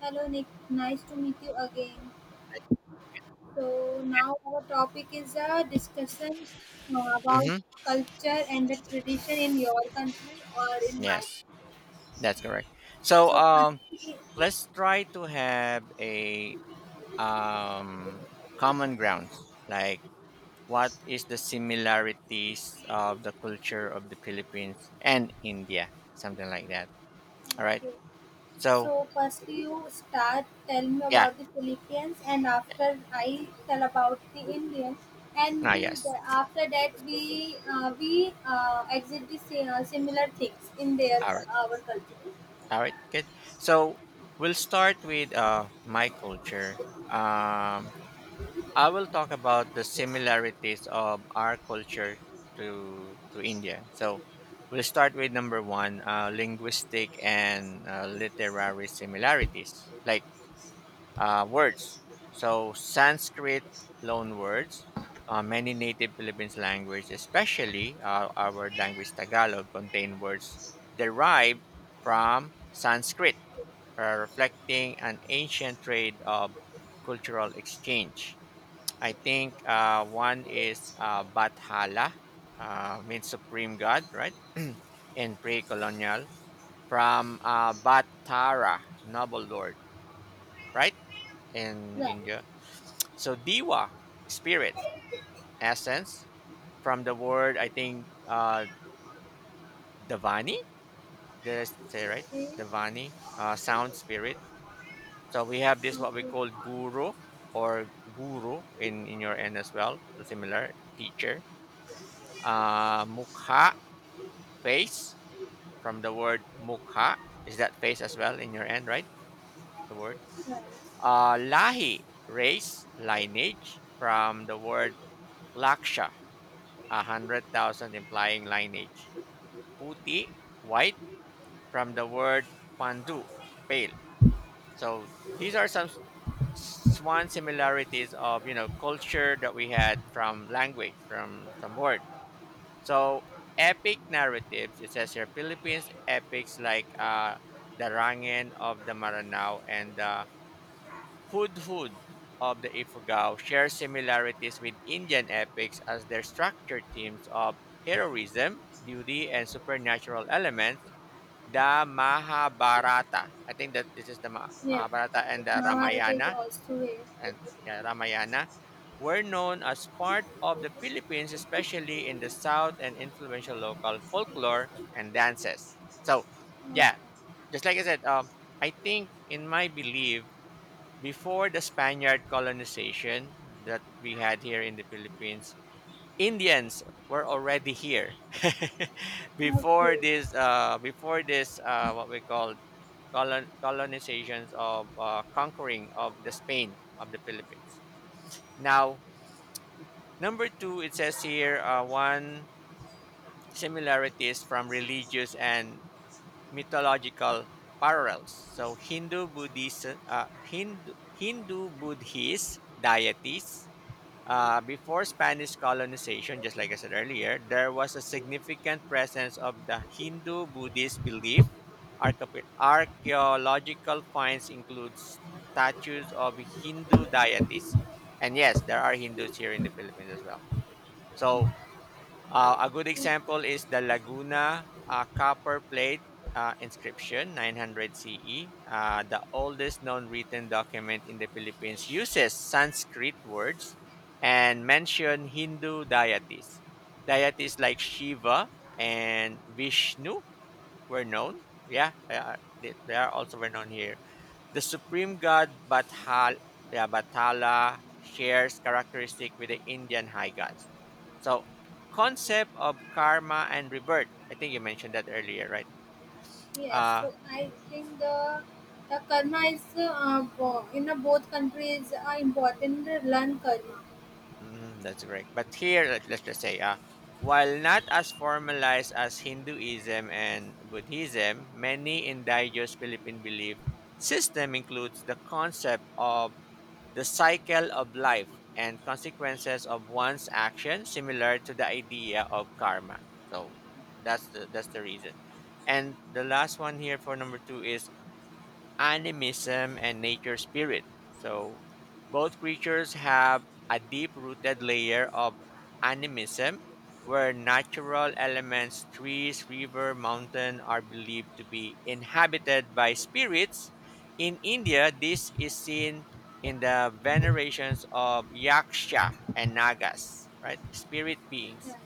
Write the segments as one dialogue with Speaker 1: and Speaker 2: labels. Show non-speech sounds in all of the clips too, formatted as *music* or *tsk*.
Speaker 1: Hello, Nick. Nice to meet you again. So now our topic is a discussion about
Speaker 2: Mm-hmm.
Speaker 1: culture and the tradition in your country or in mine.
Speaker 2: Yes, that's correct. So
Speaker 1: So firstly,
Speaker 2: let's try to have a um, common grounds. Like, what is the similarities of the culture of the Philippines and India? Something like that. All right.
Speaker 1: okay.
Speaker 2: So
Speaker 1: So firstly, you start. Tell me
Speaker 2: yeah.
Speaker 1: about the Philippines, and after I tell about the Indian,
Speaker 2: Ah,
Speaker 1: and
Speaker 2: yes.
Speaker 1: after that we exit the similar things in their
Speaker 2: All right.
Speaker 1: our culture.
Speaker 2: All right. Good. So we'll start with my culture. Um, I will talk about the similarities of our culture to India. So we'll start with number one, linguistic and literary similarities, like words. So Sanskrit loan words. Many native Philippines language, especially our language Tagalog, contain words derived from Sanskrit, reflecting an ancient trade of cultural exchange. I think one is Bathala, means supreme god, right? In pre-colonial, from Batara, noble lord, right? In
Speaker 1: Right.
Speaker 2: India. So Diwa, spirit, essence, from the word, I think, Davani. Did I say right?
Speaker 1: Okay.
Speaker 2: Davani, sound spirit. So we have this what we
Speaker 1: Okay.
Speaker 2: call guru or guru in your end as well. So, similar teacher. Mukha, face, from the word mukha. Is that face as well in your end, right? The word.
Speaker 1: Right.
Speaker 2: Lahi, race, lineage, from the word laksha, 100,000, implying lineage. Puti, white, from the word pandu, pale. So these are some swan similarities of culture that we had from language, from word. So, epic narratives. It says here Philippines epics like the Rangen of the Maranao and the Hudhud of the Ifugao share similarities with Indian epics as their structure themes of heroism, duty, and supernatural elements. The Mahabharata. I think that this is the
Speaker 1: Yes,
Speaker 2: Mahabharata and the
Speaker 1: Mahabharata is
Speaker 2: Ramayana,
Speaker 1: also a
Speaker 2: and yeah, Ramayana were known as part of the Philippines, especially in the south, and influential local folklore and dances. So, yeah, just like I said, I think, in my belief, before the Spaniard colonization that we had here in the Philippines, Indians were already here *laughs* before
Speaker 1: okay.
Speaker 2: this. Before this, what we call colonizations of, conquering of the Spain of the Philippines. Now, number two, it says here one similarity is from religious and mythological parallels. So, Hindu Buddhist, Hindu Buddhist deities. Before Spanish colonization, just like I said earlier, there was a significant presence of the Hindu Buddhist belief. Archaeological finds include statues of Hindu deities. And yes, there are Hindus here in the Philippines as well. So a good example is the Laguna copper plate inscription, 900 CE. The oldest known written document in the Philippines uses Sanskrit words and mention Hindu deities. Deities like Shiva and Vishnu were known. Yeah, they are also known here. The supreme god Bathal, yeah, Bathala shares characteristic with the Indian high gods. So, concept of karma and rebirth. I think you mentioned that earlier, right?
Speaker 1: Yes,
Speaker 2: Uh,
Speaker 1: so I think the karma is in the both countries are important. To learn karma.
Speaker 2: mhm, that's correct. But here, let's just say, while not as formalized as Hinduism and Buddhism, many indigenous Philippine belief system includes the concept of the cycle of life and consequences of one's action similar to the idea of karma. So that's the reason. And the last one here for number 2 is animism and nature spirit. So both creatures have a deep rooted layer of animism, where natural elements, trees, river, mountain, are believed to be inhabited by spirits. In India, this is seen in the venerations of Yaksha and Nagas, right? Spirit beings,
Speaker 1: Yeah.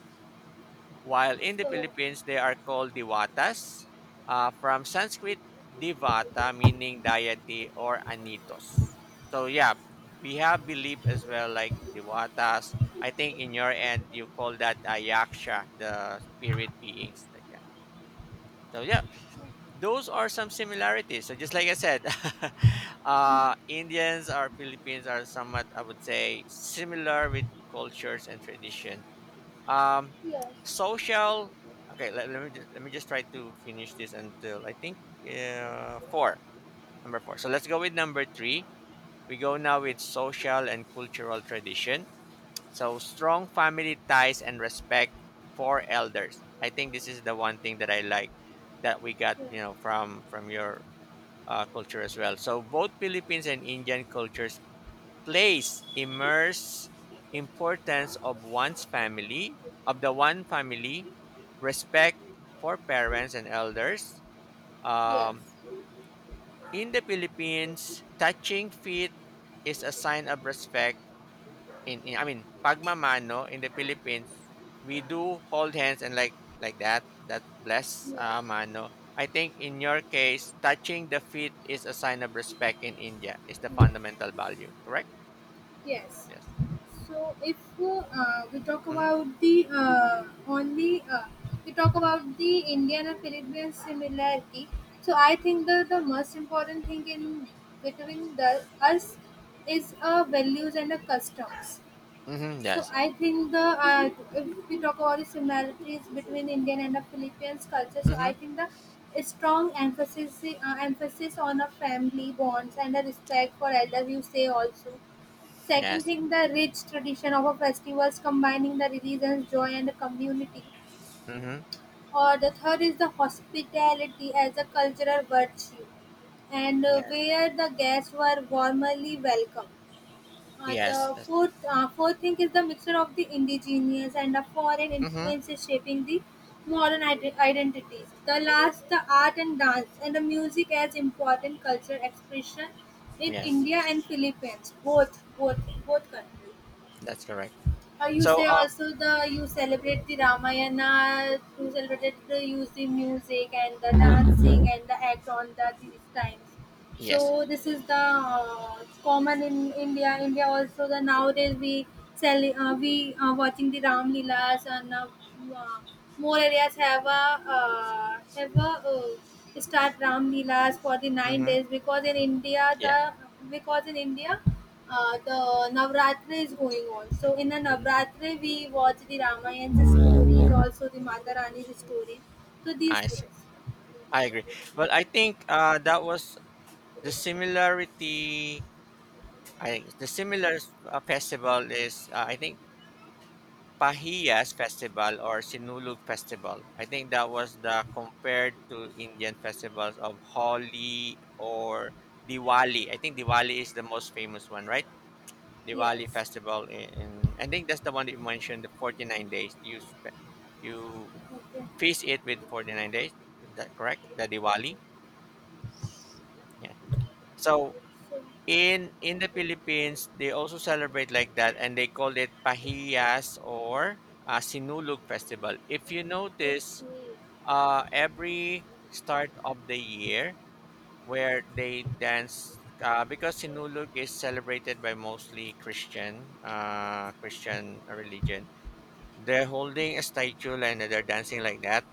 Speaker 2: while in the
Speaker 1: So
Speaker 2: Philippines they are called Diwatas, from Sanskrit Divata, meaning deity, or Anitos. So yeah, we have belief as well like Diwatas. I think in your end you call that a Yaksha, the spirit beings like that. So yeah, those are some similarities. So, just like I said, *laughs*
Speaker 1: mm,
Speaker 2: Indians or Philippines are somewhat, I would say, similar with cultures and tradition, um,
Speaker 1: yes,
Speaker 2: social. Okay, let me just try to finish this until I think four. Number four. So let's go with number three. We go now with social and cultural tradition. So, strong family ties and respect for elders. I think this is the one thing that I like that we got
Speaker 1: yeah,
Speaker 2: from your culture as well. So both Philippines and Indian cultures place immerse importance of one's family, of the one family, respect for parents and elders.
Speaker 1: yes,
Speaker 2: um, in the Philippines, touching feet is a sign of respect in, I mean pagmamano, in the Philippines we do hold hands, and like that bless,
Speaker 1: yes,
Speaker 2: mano. I think in your case touching the feet is a sign of respect in India, is the
Speaker 1: yes,
Speaker 2: fundamental value, correct?
Speaker 1: yes.
Speaker 2: Yes.
Speaker 1: So if we talk
Speaker 2: Mm-hmm.
Speaker 1: about the only we talk about the Indian and Peruvian similarity, so I think the most important thing in between the us is values and the customs.
Speaker 2: Mm-hmm.
Speaker 1: So
Speaker 2: Yes.
Speaker 1: I think the if we talk about the similarities between Indian and the Philippines culture, so
Speaker 2: Mm-hmm.
Speaker 1: I think the strong emphasis on a family bonds and a respect for elders. You say also. Second
Speaker 2: Yes.
Speaker 1: thing, the rich tradition of a festivals combining the religions, joy, and the community.
Speaker 2: Mm-hmm.
Speaker 1: Or the third is the hospitality as a cultural virtue, and
Speaker 2: Yes.
Speaker 1: where the guests were warmly welcomed
Speaker 2: Yes. That's,
Speaker 1: fourth thing is the mixture of the indigenous and the foreign
Speaker 2: mm-hmm.
Speaker 1: influences shaping the modern identities. The last, the art and dance and the music as important cultural expression in
Speaker 2: Yes.
Speaker 1: India and Philippines, both countries.
Speaker 2: That's correct.
Speaker 1: You
Speaker 2: So,
Speaker 1: say also the you celebrate the Ramayana, you celebrate the use the music and the dancing and the act on the these times so
Speaker 2: yes.
Speaker 1: this is the common in India. India also the nowadays we sell we are watching the Ram Leelas and uh, more areas have a start Ram Leelas for the nine
Speaker 2: Mm-hmm.
Speaker 1: days because in India
Speaker 2: Yeah.
Speaker 1: because in India the Navratri is going on. So in the
Speaker 2: Mm-hmm.
Speaker 1: Navratri we watch the Ramayana stories, also the Mata Rani's stories. So these
Speaker 2: I see.
Speaker 1: things,
Speaker 2: I agree. But I think that was the similarity. I the similar festival is, I think, Pahiyas festival or Sinulog festival. I think that was the compared to Indian festivals of Holi or Diwali. I think Diwali is the most famous one, right? Diwali
Speaker 1: yes.
Speaker 2: festival in, in. I think that's the one that you mentioned, the 49 days. You
Speaker 1: Okay.
Speaker 2: feast it with 49 days. Is that correct? The Diwali. Yeah. So
Speaker 1: So,
Speaker 2: in the Philippines, they also celebrate like that, and they call it Pahiyas or, Sinulog Festival. If you notice,
Speaker 1: okay.
Speaker 2: every start of the year, where they dance. Because Sinulog is celebrated by mostly Christian religion. They're holding a statue and they're dancing like that.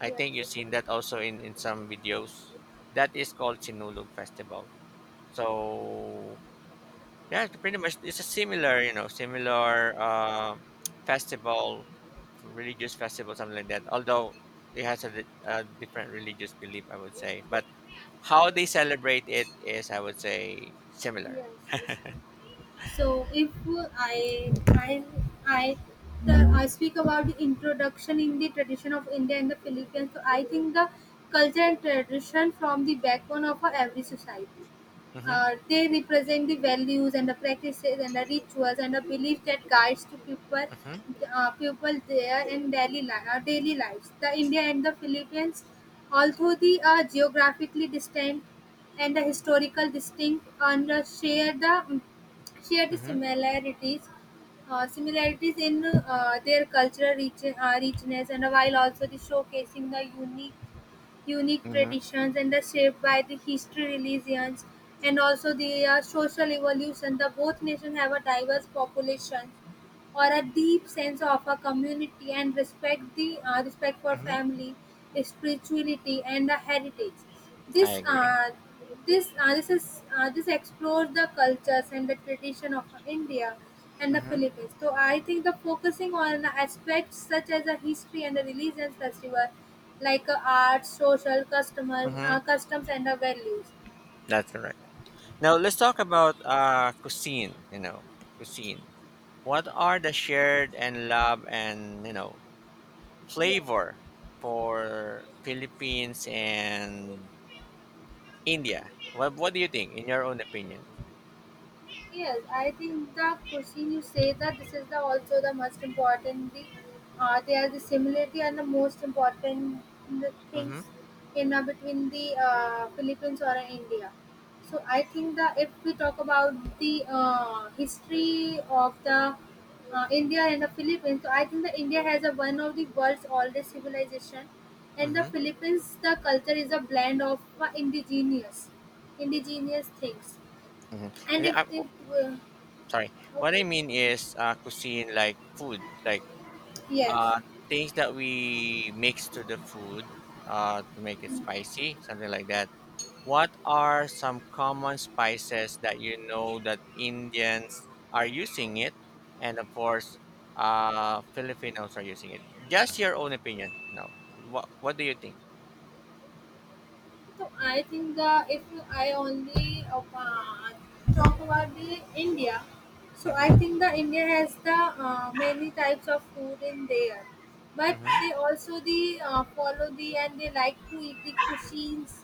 Speaker 2: I
Speaker 1: Yes.
Speaker 2: think you've seen that also in some videos. That is called Sinulog Festival. So yeah, it's pretty much it's a similar, similar, *tsk* festival, religious festival, something like that. Although it has a different religious belief, I would say. But how they celebrate it is, I would say, similar.
Speaker 1: Yes. So if I I I I speak about the introduction in the tradition of India and the Philippines, so I think the culture and tradition from the backbone of our every society.
Speaker 2: Mm-hmm,
Speaker 1: They represent the values and the practices and the rituals and the beliefs that guides to people,
Speaker 2: mm-hmm,
Speaker 1: people there in daily li- daily lives. The India and the Philippines, although they are geographically distant and the historical distinct, and share the
Speaker 2: mm-hmm,
Speaker 1: similarities similarities in their richness and while also the showcasing the unique
Speaker 2: mm-hmm,
Speaker 1: traditions and are shaped by the history, religions, and also the social evolution. The both nations have a diverse population or a deep sense of a community and respect the respect for
Speaker 2: mm-hmm.
Speaker 1: family spirituality and the heritage
Speaker 2: I
Speaker 1: this
Speaker 2: agree.
Speaker 1: uh, this is this explores the cultures and the tradition of india and the
Speaker 2: Mm-hmm,
Speaker 1: philippines so I think the focusing on the aspects such as the history and the religions festival like art social customer
Speaker 2: mm-hmm.
Speaker 1: customs and the values
Speaker 2: That's correct. Now let's talk about cuisine, cuisine. What are the shared and love and
Speaker 1: yes.
Speaker 2: flavor for Philippines and India? What do you think in your own opinion?
Speaker 1: Yes, I think the question you say that this is the also the most important. The they are the similarity and the most important the
Speaker 2: Mm-hmm.
Speaker 1: things in between the Philippines or India. So I think that if we talk about the history of the India and the Philippines, so I think that India has a one of the world's oldest civilization, and the
Speaker 2: Mm-hmm.
Speaker 1: Philippines the culture is a blend of indigenous things
Speaker 2: Mm-hmm.
Speaker 1: and if
Speaker 2: I,
Speaker 1: they,
Speaker 2: sorry. What I
Speaker 1: okay.
Speaker 2: mean is cuisine, like food, like
Speaker 1: Yes.
Speaker 2: uh things that we mix to the food, to make it spicy, something like that. What are some common spices that you know that Indians are using it, and of course, Filipinos are using it? Just your own opinion. No, what do you think?
Speaker 1: So I think the if I only talk about the India, so I
Speaker 2: Mm-hmm.
Speaker 1: think the India has the many types of food in there, but
Speaker 2: Mm-hmm.
Speaker 1: they also the follow the and they like to eat the cuisines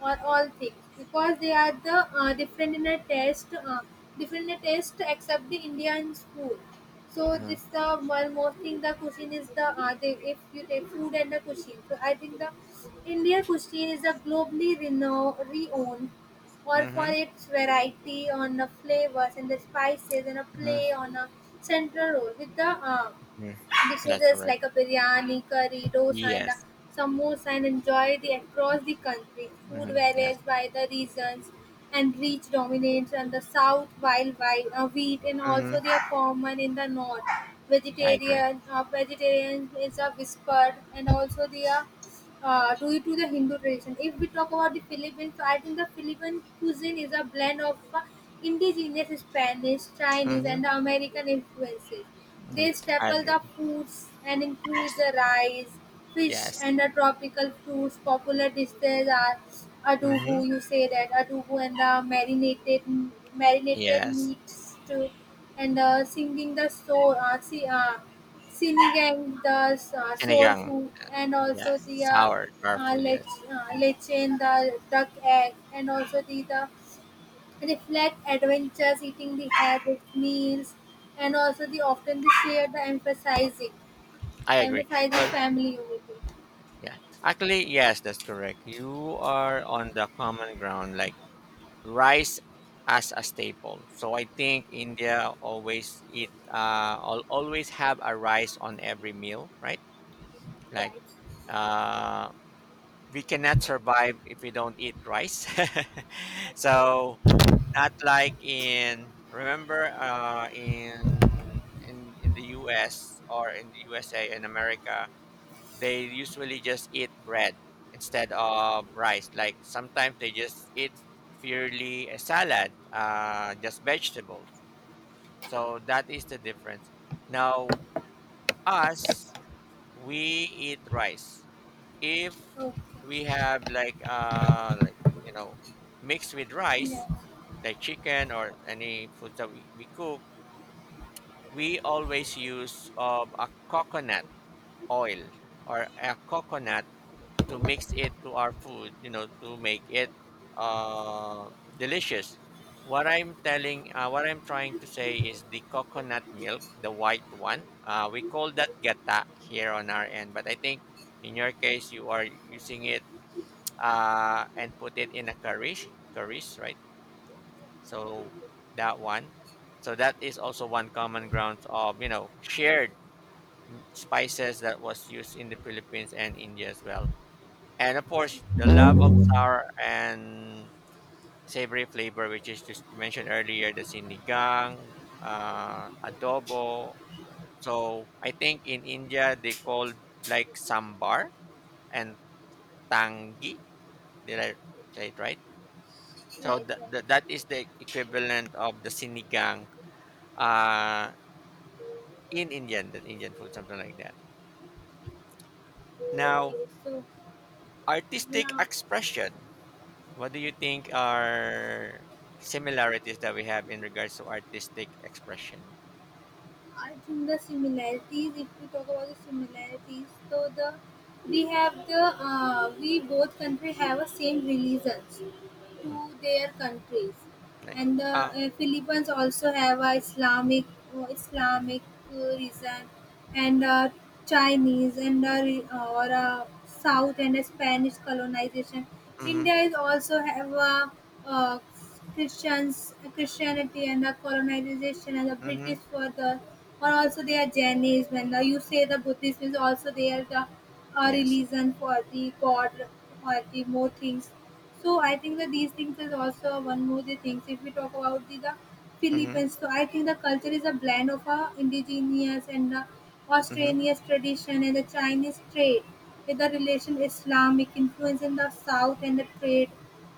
Speaker 1: or all things because they are the different in a taste except the Indian food. So
Speaker 2: Mm-hmm.
Speaker 1: this the one more thing the cuisine is the they, if you take food and the cuisine. So I think the Indian cuisine is a globally renowned or for
Speaker 2: Mm-hmm.
Speaker 1: its variety on the flavors and the spices and a
Speaker 2: Mm-hmm.
Speaker 1: play on a central role with the
Speaker 2: hmm That's
Speaker 1: dishes
Speaker 2: correct.
Speaker 1: like a biryani, curry, dosa, and a
Speaker 2: Yes.
Speaker 1: samosa and enjoy the across the country. Food
Speaker 2: Mm-hmm. Yes.
Speaker 1: varies by the regions and reach dominates in the south while wheat and
Speaker 2: Mm-hmm.
Speaker 1: also they are common in the north.
Speaker 2: I agree.
Speaker 1: Vegetarian is a whispered and also they are due to the Hindu tradition. If we talk about the Philippines, so I think the Philippine cuisine is a blend of indigenous Spanish, Chinese,
Speaker 2: Mm-hmm.
Speaker 1: and the American influences.
Speaker 2: hmm
Speaker 1: They
Speaker 2: I
Speaker 1: staple
Speaker 2: agree.
Speaker 1: the foods and
Speaker 2: Yes.
Speaker 1: include the rice, fish,
Speaker 2: Yes.
Speaker 1: and the tropical fruits. Popular dishes are
Speaker 2: Mm-hmm.
Speaker 1: adobo. You say that adobo and the marinated
Speaker 2: Yes.
Speaker 1: meats too, and singing the soul. Sinigang, the soul
Speaker 2: Sinigang.
Speaker 1: food, and also
Speaker 2: Yes.
Speaker 1: the
Speaker 2: Sour. Sour
Speaker 1: uh,
Speaker 2: food.
Speaker 1: lech,
Speaker 2: Yes. Mm-hmm.
Speaker 1: lechen, the duck egg, and also the reflect adventures, eating the hair with meals, and also the often the share the
Speaker 2: I agree.
Speaker 1: emphasizing
Speaker 2: Well,
Speaker 1: family unity.
Speaker 2: yeah. Actually, yes, that's correct. You are on the common ground, like rice as a staple. So I think India always eat, always have a rice on every meal, right? Like,
Speaker 1: Right.
Speaker 2: uh, we cannot survive if we don't eat rice. *laughs*
Speaker 1: Yes,
Speaker 2: So
Speaker 1: yes.
Speaker 2: not like in, remember, in the US or in the USA in America, they usually just eat bread instead of rice. Like sometimes they just eat purely a salad, just vegetables. So that is the difference. Now, us, we eat rice. If
Speaker 1: Okay.
Speaker 2: we have like, you know, mixed with rice,
Speaker 1: Yes.
Speaker 2: like chicken or any food that we cook, we always use of a coconut oil or a coconut to mix it to our food, to make it delicious. What I'm trying to say is the coconut milk, the white one. We call that gata here on our end, but I think in your case you are using it, and put it in a curry, curries, right? So that one. So that is also one common grounds of shared, spices that was used in the Philippines and India as well, and of course the love of sour and savory flavor, which is, just you mentioned earlier, the sinigang, adobo. So I think in India they call like sambar and tangi. Did I say it right? So
Speaker 1: Right, right.
Speaker 2: that is the equivalent of the sinigang, uh, in Indian, the Indian food, something like that. Now,
Speaker 1: Okay. So
Speaker 2: artistic
Speaker 1: now.
Speaker 2: expression. What do you think are similarities that we have in regards to artistic expression?
Speaker 1: I think the similarities, if we talk about the similarities, so the we have the we both country have a same religions,
Speaker 2: Hmm.
Speaker 1: to their countries.
Speaker 2: Like,
Speaker 1: And the
Speaker 2: ah,
Speaker 1: Philippines also have a
Speaker 2: mhm,
Speaker 1: Islamic reason and Chinese and re- or South and Spanish colonization.
Speaker 2: mhm,
Speaker 1: India is also have a uh, Christians Christianity and the colonization and the British
Speaker 2: mhm,
Speaker 1: for the or also they are Jainism and the, you say the Buddhism is also they are the a
Speaker 2: yes,
Speaker 1: religion for the God or the more things so I think that these things is also one more the things. If we talk about the
Speaker 2: mhm,
Speaker 1: Philippines, so I think the culture is a blend of a indigenous and the
Speaker 2: mhm,
Speaker 1: Australian tradition and the Chinese trade with the relation Islamic influence in the South and the trade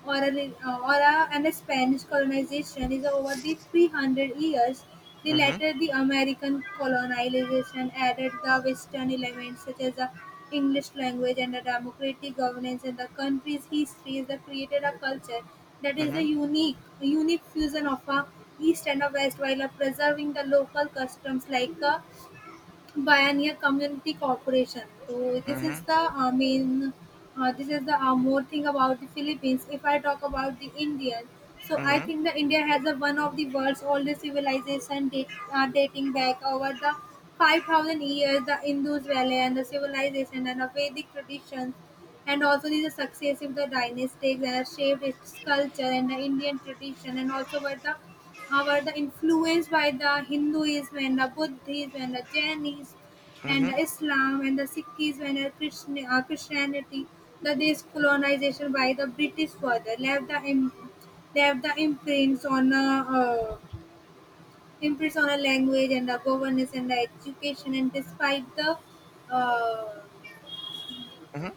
Speaker 1: or a, re- or a, and the Spanish colonization is over the 300 years the
Speaker 2: mhm,
Speaker 1: latter, the American colonization, added the Western elements such as the English language and the democratic governance and the country's history is that created a culture that is a
Speaker 2: mhm,
Speaker 1: unique fusion of a East and a West while preserving the local customs like Pioneer Community Corporation. So this is
Speaker 2: mhm,
Speaker 1: the I mean, this is the more thing about the Philippines. If I talk about the Indian, so I
Speaker 2: mhm,
Speaker 1: think that India has a, one of the world's oldest civilization dating back over the 5,000 years. The Indus Valley and the civilization and the Vedic traditions and also the success of the dynasties that have shaped its culture and the Indian tradition and also were the influenced by the Hinduism and the Buddhism and the Jainism and
Speaker 2: mhm,
Speaker 1: the Islam and the Sikhism and the Christianity. The this colonization by the British further left left the uh, imprints on a language and the governance and the education and despite the uh,
Speaker 2: mhm,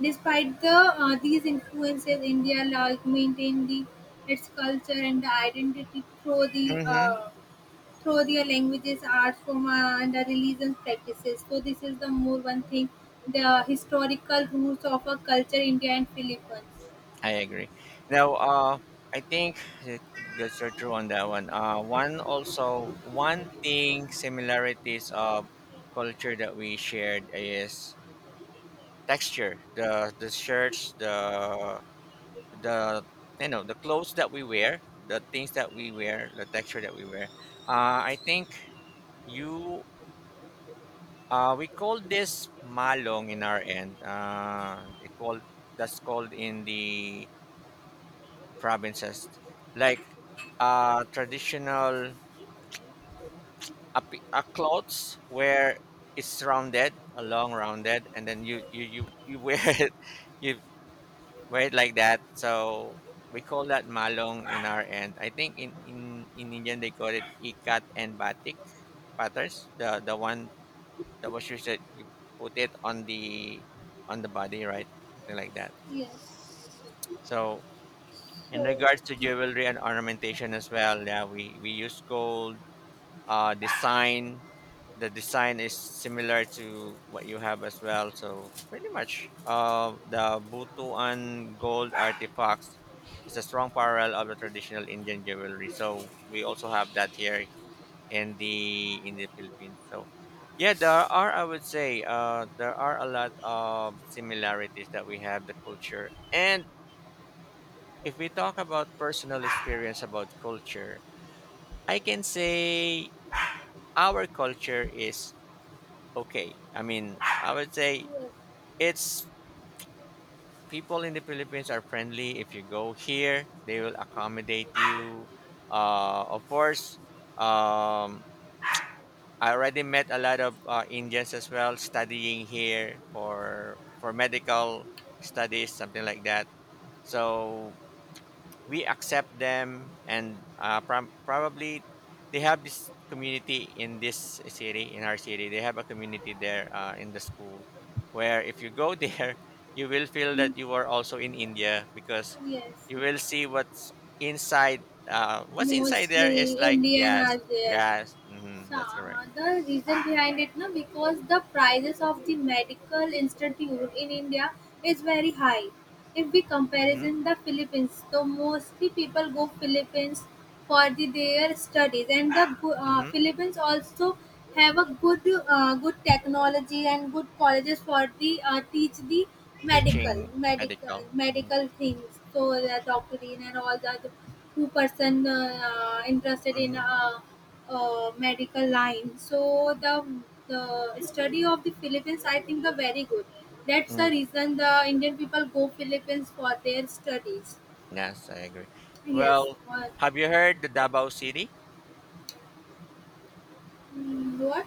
Speaker 1: despite the these influences, India like maintained its culture and the identity through the
Speaker 2: mhm.
Speaker 1: through their languages, arts, form, and the religious practices. So this is the more one thing, the historical roots of a culture, India and Philippines.
Speaker 2: I agree. Now, I think that- that's so true on that one. One also one thing similarities of culture that we shared is texture. The shirts, the the clothes that we wear, the things that we wear, the texture that we wear, I think you we call this malong in our end. It called That's called in the provinces, like traditional, clothes where it's rounded, a long rounded, and then you wear *laughs* it, you wear it like that. So we call that malong in our end. I think in Indian they call it ikat and batik patterns. The one that was used that you put it on the body, right? Something like that.
Speaker 1: Yes.
Speaker 2: So in
Speaker 1: So
Speaker 2: regards to jewelry and ornamentation as well, yeah, we use gold. Design, the design is similar to what you have as well, so pretty much the Butuan gold artifacts is a strong parallel of the traditional Indian jewelry, so we also have that here in the Philippines. So yeah, there are, I would say, there are a lot of similarities that we have, the culture. And if we talk about personal experience about culture, I can say our culture is okay. I mean, I would say it's, people in the Philippines are friendly. If you go here, they will accommodate you. Of course, um, I already met a lot of Indians as well studying here for medical studies, something like that. So we accept them, and probably they have this community in this city, in our city. They have a community there in the school, where if you go there *laughs* you will feel that you are also in India, because
Speaker 1: yes,
Speaker 2: you will see what's inside, what's inside there
Speaker 1: mostly
Speaker 2: is like,
Speaker 1: Indian
Speaker 2: yes,
Speaker 1: are there.
Speaker 2: yes. Hmm, that's correct.
Speaker 1: The reason behind it now because the prices of the medical institute in india is very high if we
Speaker 2: Hmm.
Speaker 1: comparison the philippines so mostly people go philippines for their studies and
Speaker 2: Hmm.
Speaker 1: philippines also have a good good technology and good colleges for the teach the medical
Speaker 2: Teaching.
Speaker 1: medical
Speaker 2: Medical.
Speaker 1: medical things so the doctorate and all that who person interested in
Speaker 2: Mm-hmm.
Speaker 1: medical line. So the study of the Philippines, I think, the very good. That's
Speaker 2: Hmm.
Speaker 1: the reason the Indian people go Philippines for their studies.
Speaker 2: Yes, I agree.
Speaker 1: Yes.
Speaker 2: Well,
Speaker 1: What?
Speaker 2: have you heard the Davao City?
Speaker 1: Mm, what?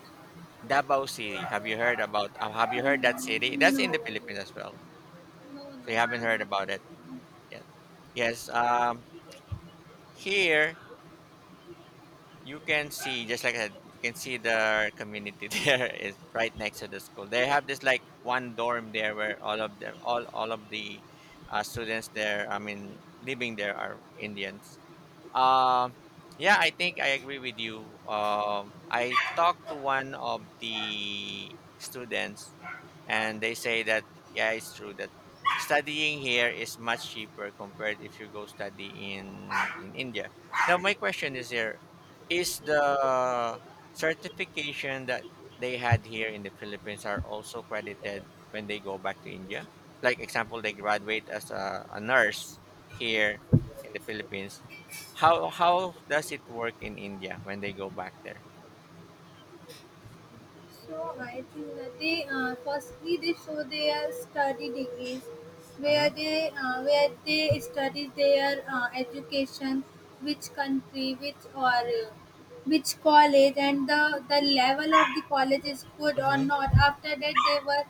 Speaker 2: Davao City. Have you heard about? Have you heard that city?
Speaker 1: Mm,
Speaker 2: That's
Speaker 1: no.
Speaker 2: in the Philippines as well.
Speaker 1: No.
Speaker 2: So
Speaker 1: No.
Speaker 2: you haven't
Speaker 1: I'm
Speaker 2: heard
Speaker 1: not
Speaker 2: about it
Speaker 1: here.
Speaker 2: yet. Yes. Here you can see, just like I said, you can see the community *laughs* there is right next to the school. They have this like one dorm there where all of the students there. I mean, living there are Indians. Um, yeah, I think I agree with you. I talked to one of the students, and they say that yeah, it's true that studying here is much cheaper compared if you go study in India. Now, my question is here: is the certification that they had here in the Philippines are also credited when they go back to India? Like example, they graduate as a nurse here in the Philippines. How does it work in India when they go back there?
Speaker 1: So I think that they firstly they show their study degrees,
Speaker 2: Mhm.
Speaker 1: where they study their education, which country, which or. Which college and the level of the college is good or
Speaker 2: Mhm.
Speaker 1: not after that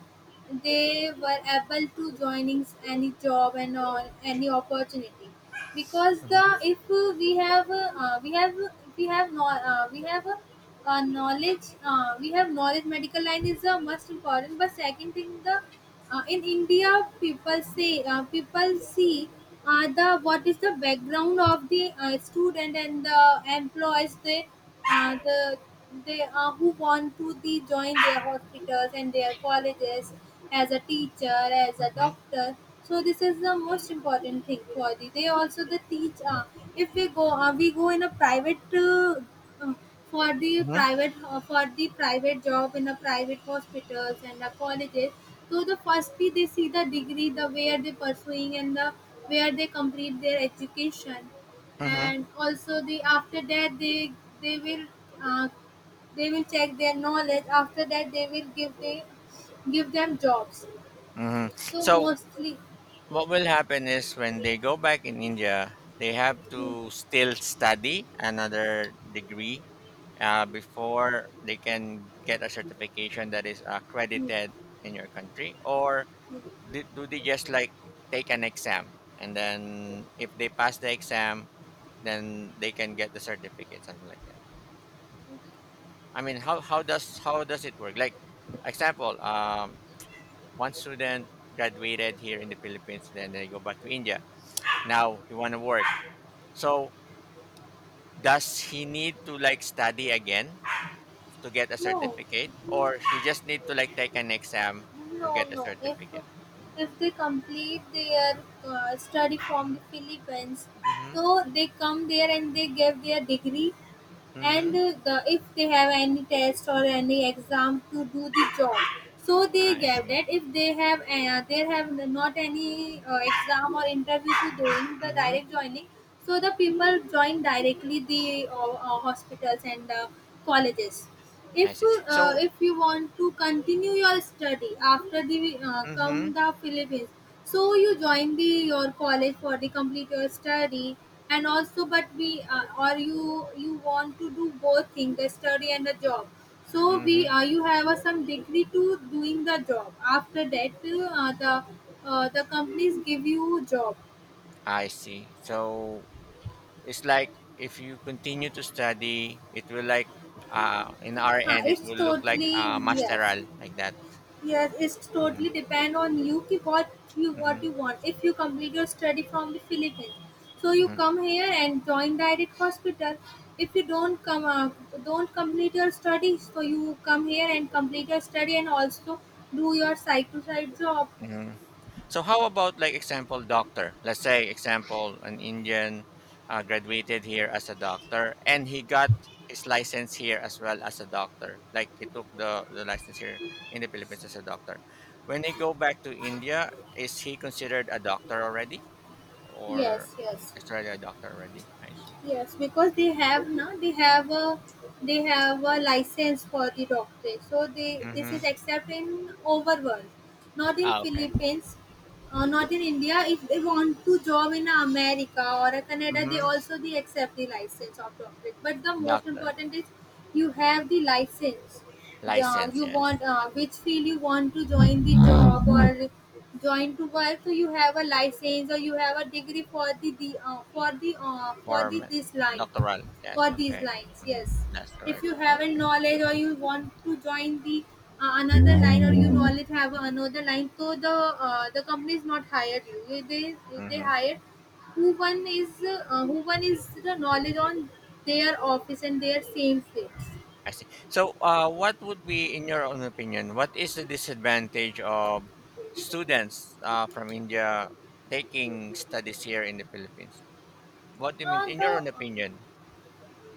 Speaker 1: they were able to joining any job and all any opportunity because the
Speaker 2: Mhm.
Speaker 1: if we have we have we have no we have a, knowledge we have knowledge medical line is a must important but second thing the in India, people see the what is the background of the student and the employees. They the they who want to the join their hospitals and their colleges as a teacher, as a
Speaker 2: Mhm.
Speaker 1: doctor. So this is the most important thing for the. They also the teach. If we go, we go in a private for the
Speaker 2: Mhm.
Speaker 1: private for the private job in the private hospitals and the colleges. So the firstly they see the degree, the where they pursuing and the where they complete their education,
Speaker 2: Mhm.
Speaker 1: and also the after that they will uh, they will check their knowledge. After that they will give they give them jobs.
Speaker 2: Mhm.
Speaker 1: So
Speaker 2: So
Speaker 1: mostly
Speaker 2: what will happen is when they go back in India, they have to still study another degree before they can get a certification that is accredited in your country? Or do they just like take an exam, and then if they pass the exam, then they can get the certificate, something like that? I mean, how does it work? Like, example, one student graduated here in the Philippines, then they go back to India. Now he want to work. So does he need to like study again to get a
Speaker 1: no.
Speaker 2: certificate, or he just need to like take an exam to
Speaker 1: No,
Speaker 2: get a
Speaker 1: no.
Speaker 2: certificate?
Speaker 1: If they complete their study from
Speaker 2: Mm-hmm.
Speaker 1: the Philippines,
Speaker 2: Mm-hmm.
Speaker 1: so they come there and they give their degree, and
Speaker 2: Mm-hmm.
Speaker 1: the, if they have any test or any exam to do the job, so they
Speaker 2: I
Speaker 1: give
Speaker 2: see.
Speaker 1: that. If they have they have not any exam or interview to doing the
Speaker 2: Mm-hmm.
Speaker 1: direct joining, so the people join directly the hospitals and colleges.
Speaker 2: I
Speaker 1: If
Speaker 2: see. So.
Speaker 1: if you want to continue your study after the come
Speaker 2: Mm-hmm.
Speaker 1: the Philippines, so you join the your college for the complete your study and also but we or you want to do both things, the study and the job. So we
Speaker 2: Mm-hmm.
Speaker 1: you have a some degree to doing the job. After that, the companies give you job.
Speaker 2: I see. So it's like if you continue to study, it will like, in our
Speaker 1: Huh,
Speaker 2: end it
Speaker 1: it's
Speaker 2: will look like
Speaker 1: totally yes.
Speaker 2: masteral, like that.
Speaker 1: Yes, it's totally
Speaker 2: Hmm.
Speaker 1: depend on you ki
Speaker 2: Hmm.
Speaker 1: what you want. If you complete your study from the Philippines, so you
Speaker 2: Hmm.
Speaker 1: come here and join direct hospital. If you don't come don't complete your studies, so you come here and complete your study and also do your side to side job.
Speaker 2: Hmm. So how about like example doctor? Let's say example an Indian graduated here as a doctor and he got his license here as well as a doctor. Like he took the license here in the Philippines as a doctor. When he go back to India, is he considered a doctor already? Or
Speaker 1: Yes, yes.
Speaker 2: is already a doctor already? I see.
Speaker 1: Yes, because they have now they have a license for the doctor. So they this
Speaker 2: Mhm.
Speaker 1: is except in overworld, not in
Speaker 2: Ah, okay.
Speaker 1: Philippines, not in India. If they want to job in America or a Canada, they
Speaker 2: Mhm.
Speaker 1: also they accept the license of doctor. But the most
Speaker 2: Doctor.
Speaker 1: important is you have the license, yeah,
Speaker 2: License,
Speaker 1: you
Speaker 2: yes.
Speaker 1: want
Speaker 2: Mm.
Speaker 1: which field you want to join the job or join to work, so you have a license or you have a degree for the, for the for the
Speaker 2: Form.
Speaker 1: this line,
Speaker 2: Doctoral. Yes,
Speaker 1: for these
Speaker 2: okay.
Speaker 1: lines,
Speaker 2: Mhm.
Speaker 1: yes.
Speaker 2: That's
Speaker 1: If
Speaker 2: correct.
Speaker 1: you have a
Speaker 2: Okay.
Speaker 1: knowledge or you want to join the another line or you knowledge have another line, so the company is not hired you, they
Speaker 2: Mhm.
Speaker 1: hire who one is the knowledge on their office and their same field.
Speaker 2: I see. So, what would be, in your own opinion, what is the disadvantage of students from India taking studies here in the Philippines? What do you mean,
Speaker 1: Uh,
Speaker 2: in your
Speaker 1: the
Speaker 2: own opinion?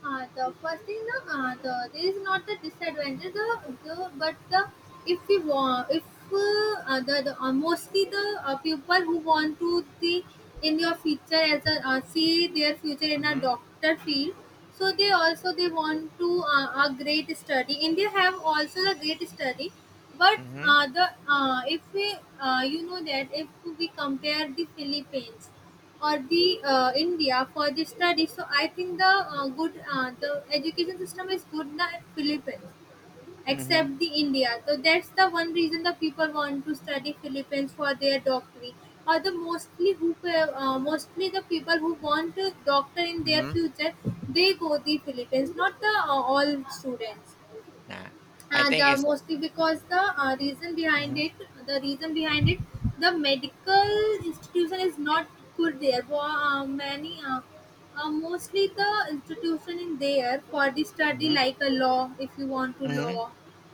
Speaker 1: The first thing, there is not the disadvantage, the but the if we want, if the, mostly the people who want to the in your future as a see their future in a
Speaker 2: Mhm.
Speaker 1: doctor field, so they also they want to a great study. India have also the great study, but
Speaker 2: Mhm.
Speaker 1: the if we you know that if we compare the Philippines or the India for the study. So I think the good the education system is good in the Philippines
Speaker 2: Mhm.
Speaker 1: except the India. So that's the one reason the people want to study Philippines for their doctorate. Or the mostly who mostly the people who want a doctor in their
Speaker 2: Mhm.
Speaker 1: future, they go the Philippines, not the all students
Speaker 2: Yeah. I
Speaker 1: and
Speaker 2: think it's.
Speaker 1: mostly because the reason behind
Speaker 2: Mhm.
Speaker 1: it, the reason behind it, the medical institution is not good there for many mostly the institution in there for the study,
Speaker 2: Mhm.
Speaker 1: like a law if you want to
Speaker 2: Mhm.
Speaker 1: law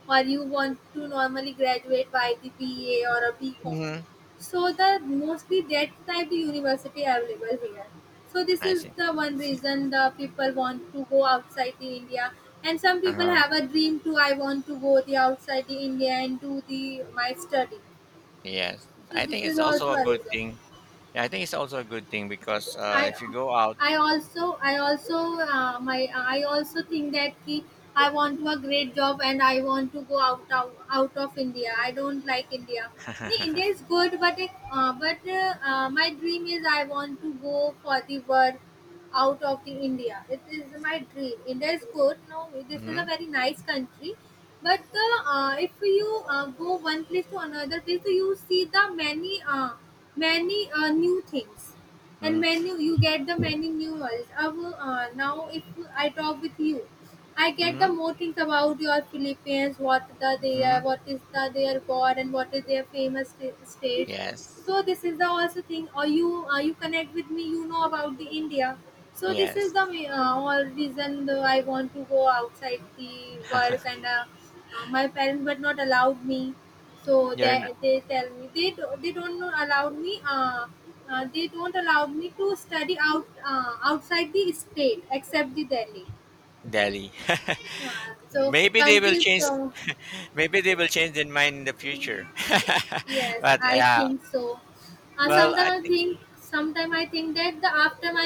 Speaker 1: or you want to normally graduate by the BA or a B. Com.
Speaker 2: Mhm.
Speaker 1: So the mostly that type the university available here. So this
Speaker 2: I
Speaker 1: is
Speaker 2: see.
Speaker 1: the one reason the people want to go outside the India. And some
Speaker 2: Uh
Speaker 1: people
Speaker 2: huh.
Speaker 1: have a dream too. I want to go the outside the India and do the my study.
Speaker 2: Yes,
Speaker 1: So
Speaker 2: I
Speaker 1: this
Speaker 2: think it's
Speaker 1: is
Speaker 2: also
Speaker 1: also
Speaker 2: a
Speaker 1: a
Speaker 2: good
Speaker 1: reason.
Speaker 2: thing. Yeah, I think it's also a good thing because
Speaker 1: I
Speaker 2: if you go out,
Speaker 1: I also my I also think that ki, I want to a great job and I want to go out out out of India. I don't like India. No, India
Speaker 2: *laughs*
Speaker 1: is good, but my dream is I want to go for the work out of the India. It is my dream. India is good. No, this is
Speaker 2: hmm,
Speaker 1: a very nice country, but the if you go one place to another place, so you see the many new things and
Speaker 2: hmm,
Speaker 1: menu you get the menu renewals. Now if I talk with you, I get the
Speaker 2: hmm,
Speaker 1: more things about your Philippines, what the their
Speaker 2: hmm,
Speaker 1: what is the their god and what is their famous states.
Speaker 2: yes,
Speaker 1: So this is the also thing. Or you you connect with me, you know about the India. So this is the
Speaker 2: yes,
Speaker 1: all reason though I want to go outside the work and my parents were not allowed me. So
Speaker 2: you're in
Speaker 1: they tell me they do, they don't know- allow me they don't allow me to study out outside the state except the Delhi.
Speaker 2: Delhi. *laughs*
Speaker 1: So
Speaker 2: Maybe they will
Speaker 1: countries
Speaker 2: change.
Speaker 1: so
Speaker 2: Maybe they will change their mind in the future. *laughs*
Speaker 1: yes,
Speaker 2: But
Speaker 1: I
Speaker 2: yeah,
Speaker 1: think so.
Speaker 2: well, I think.
Speaker 1: Sometimes I think that the after my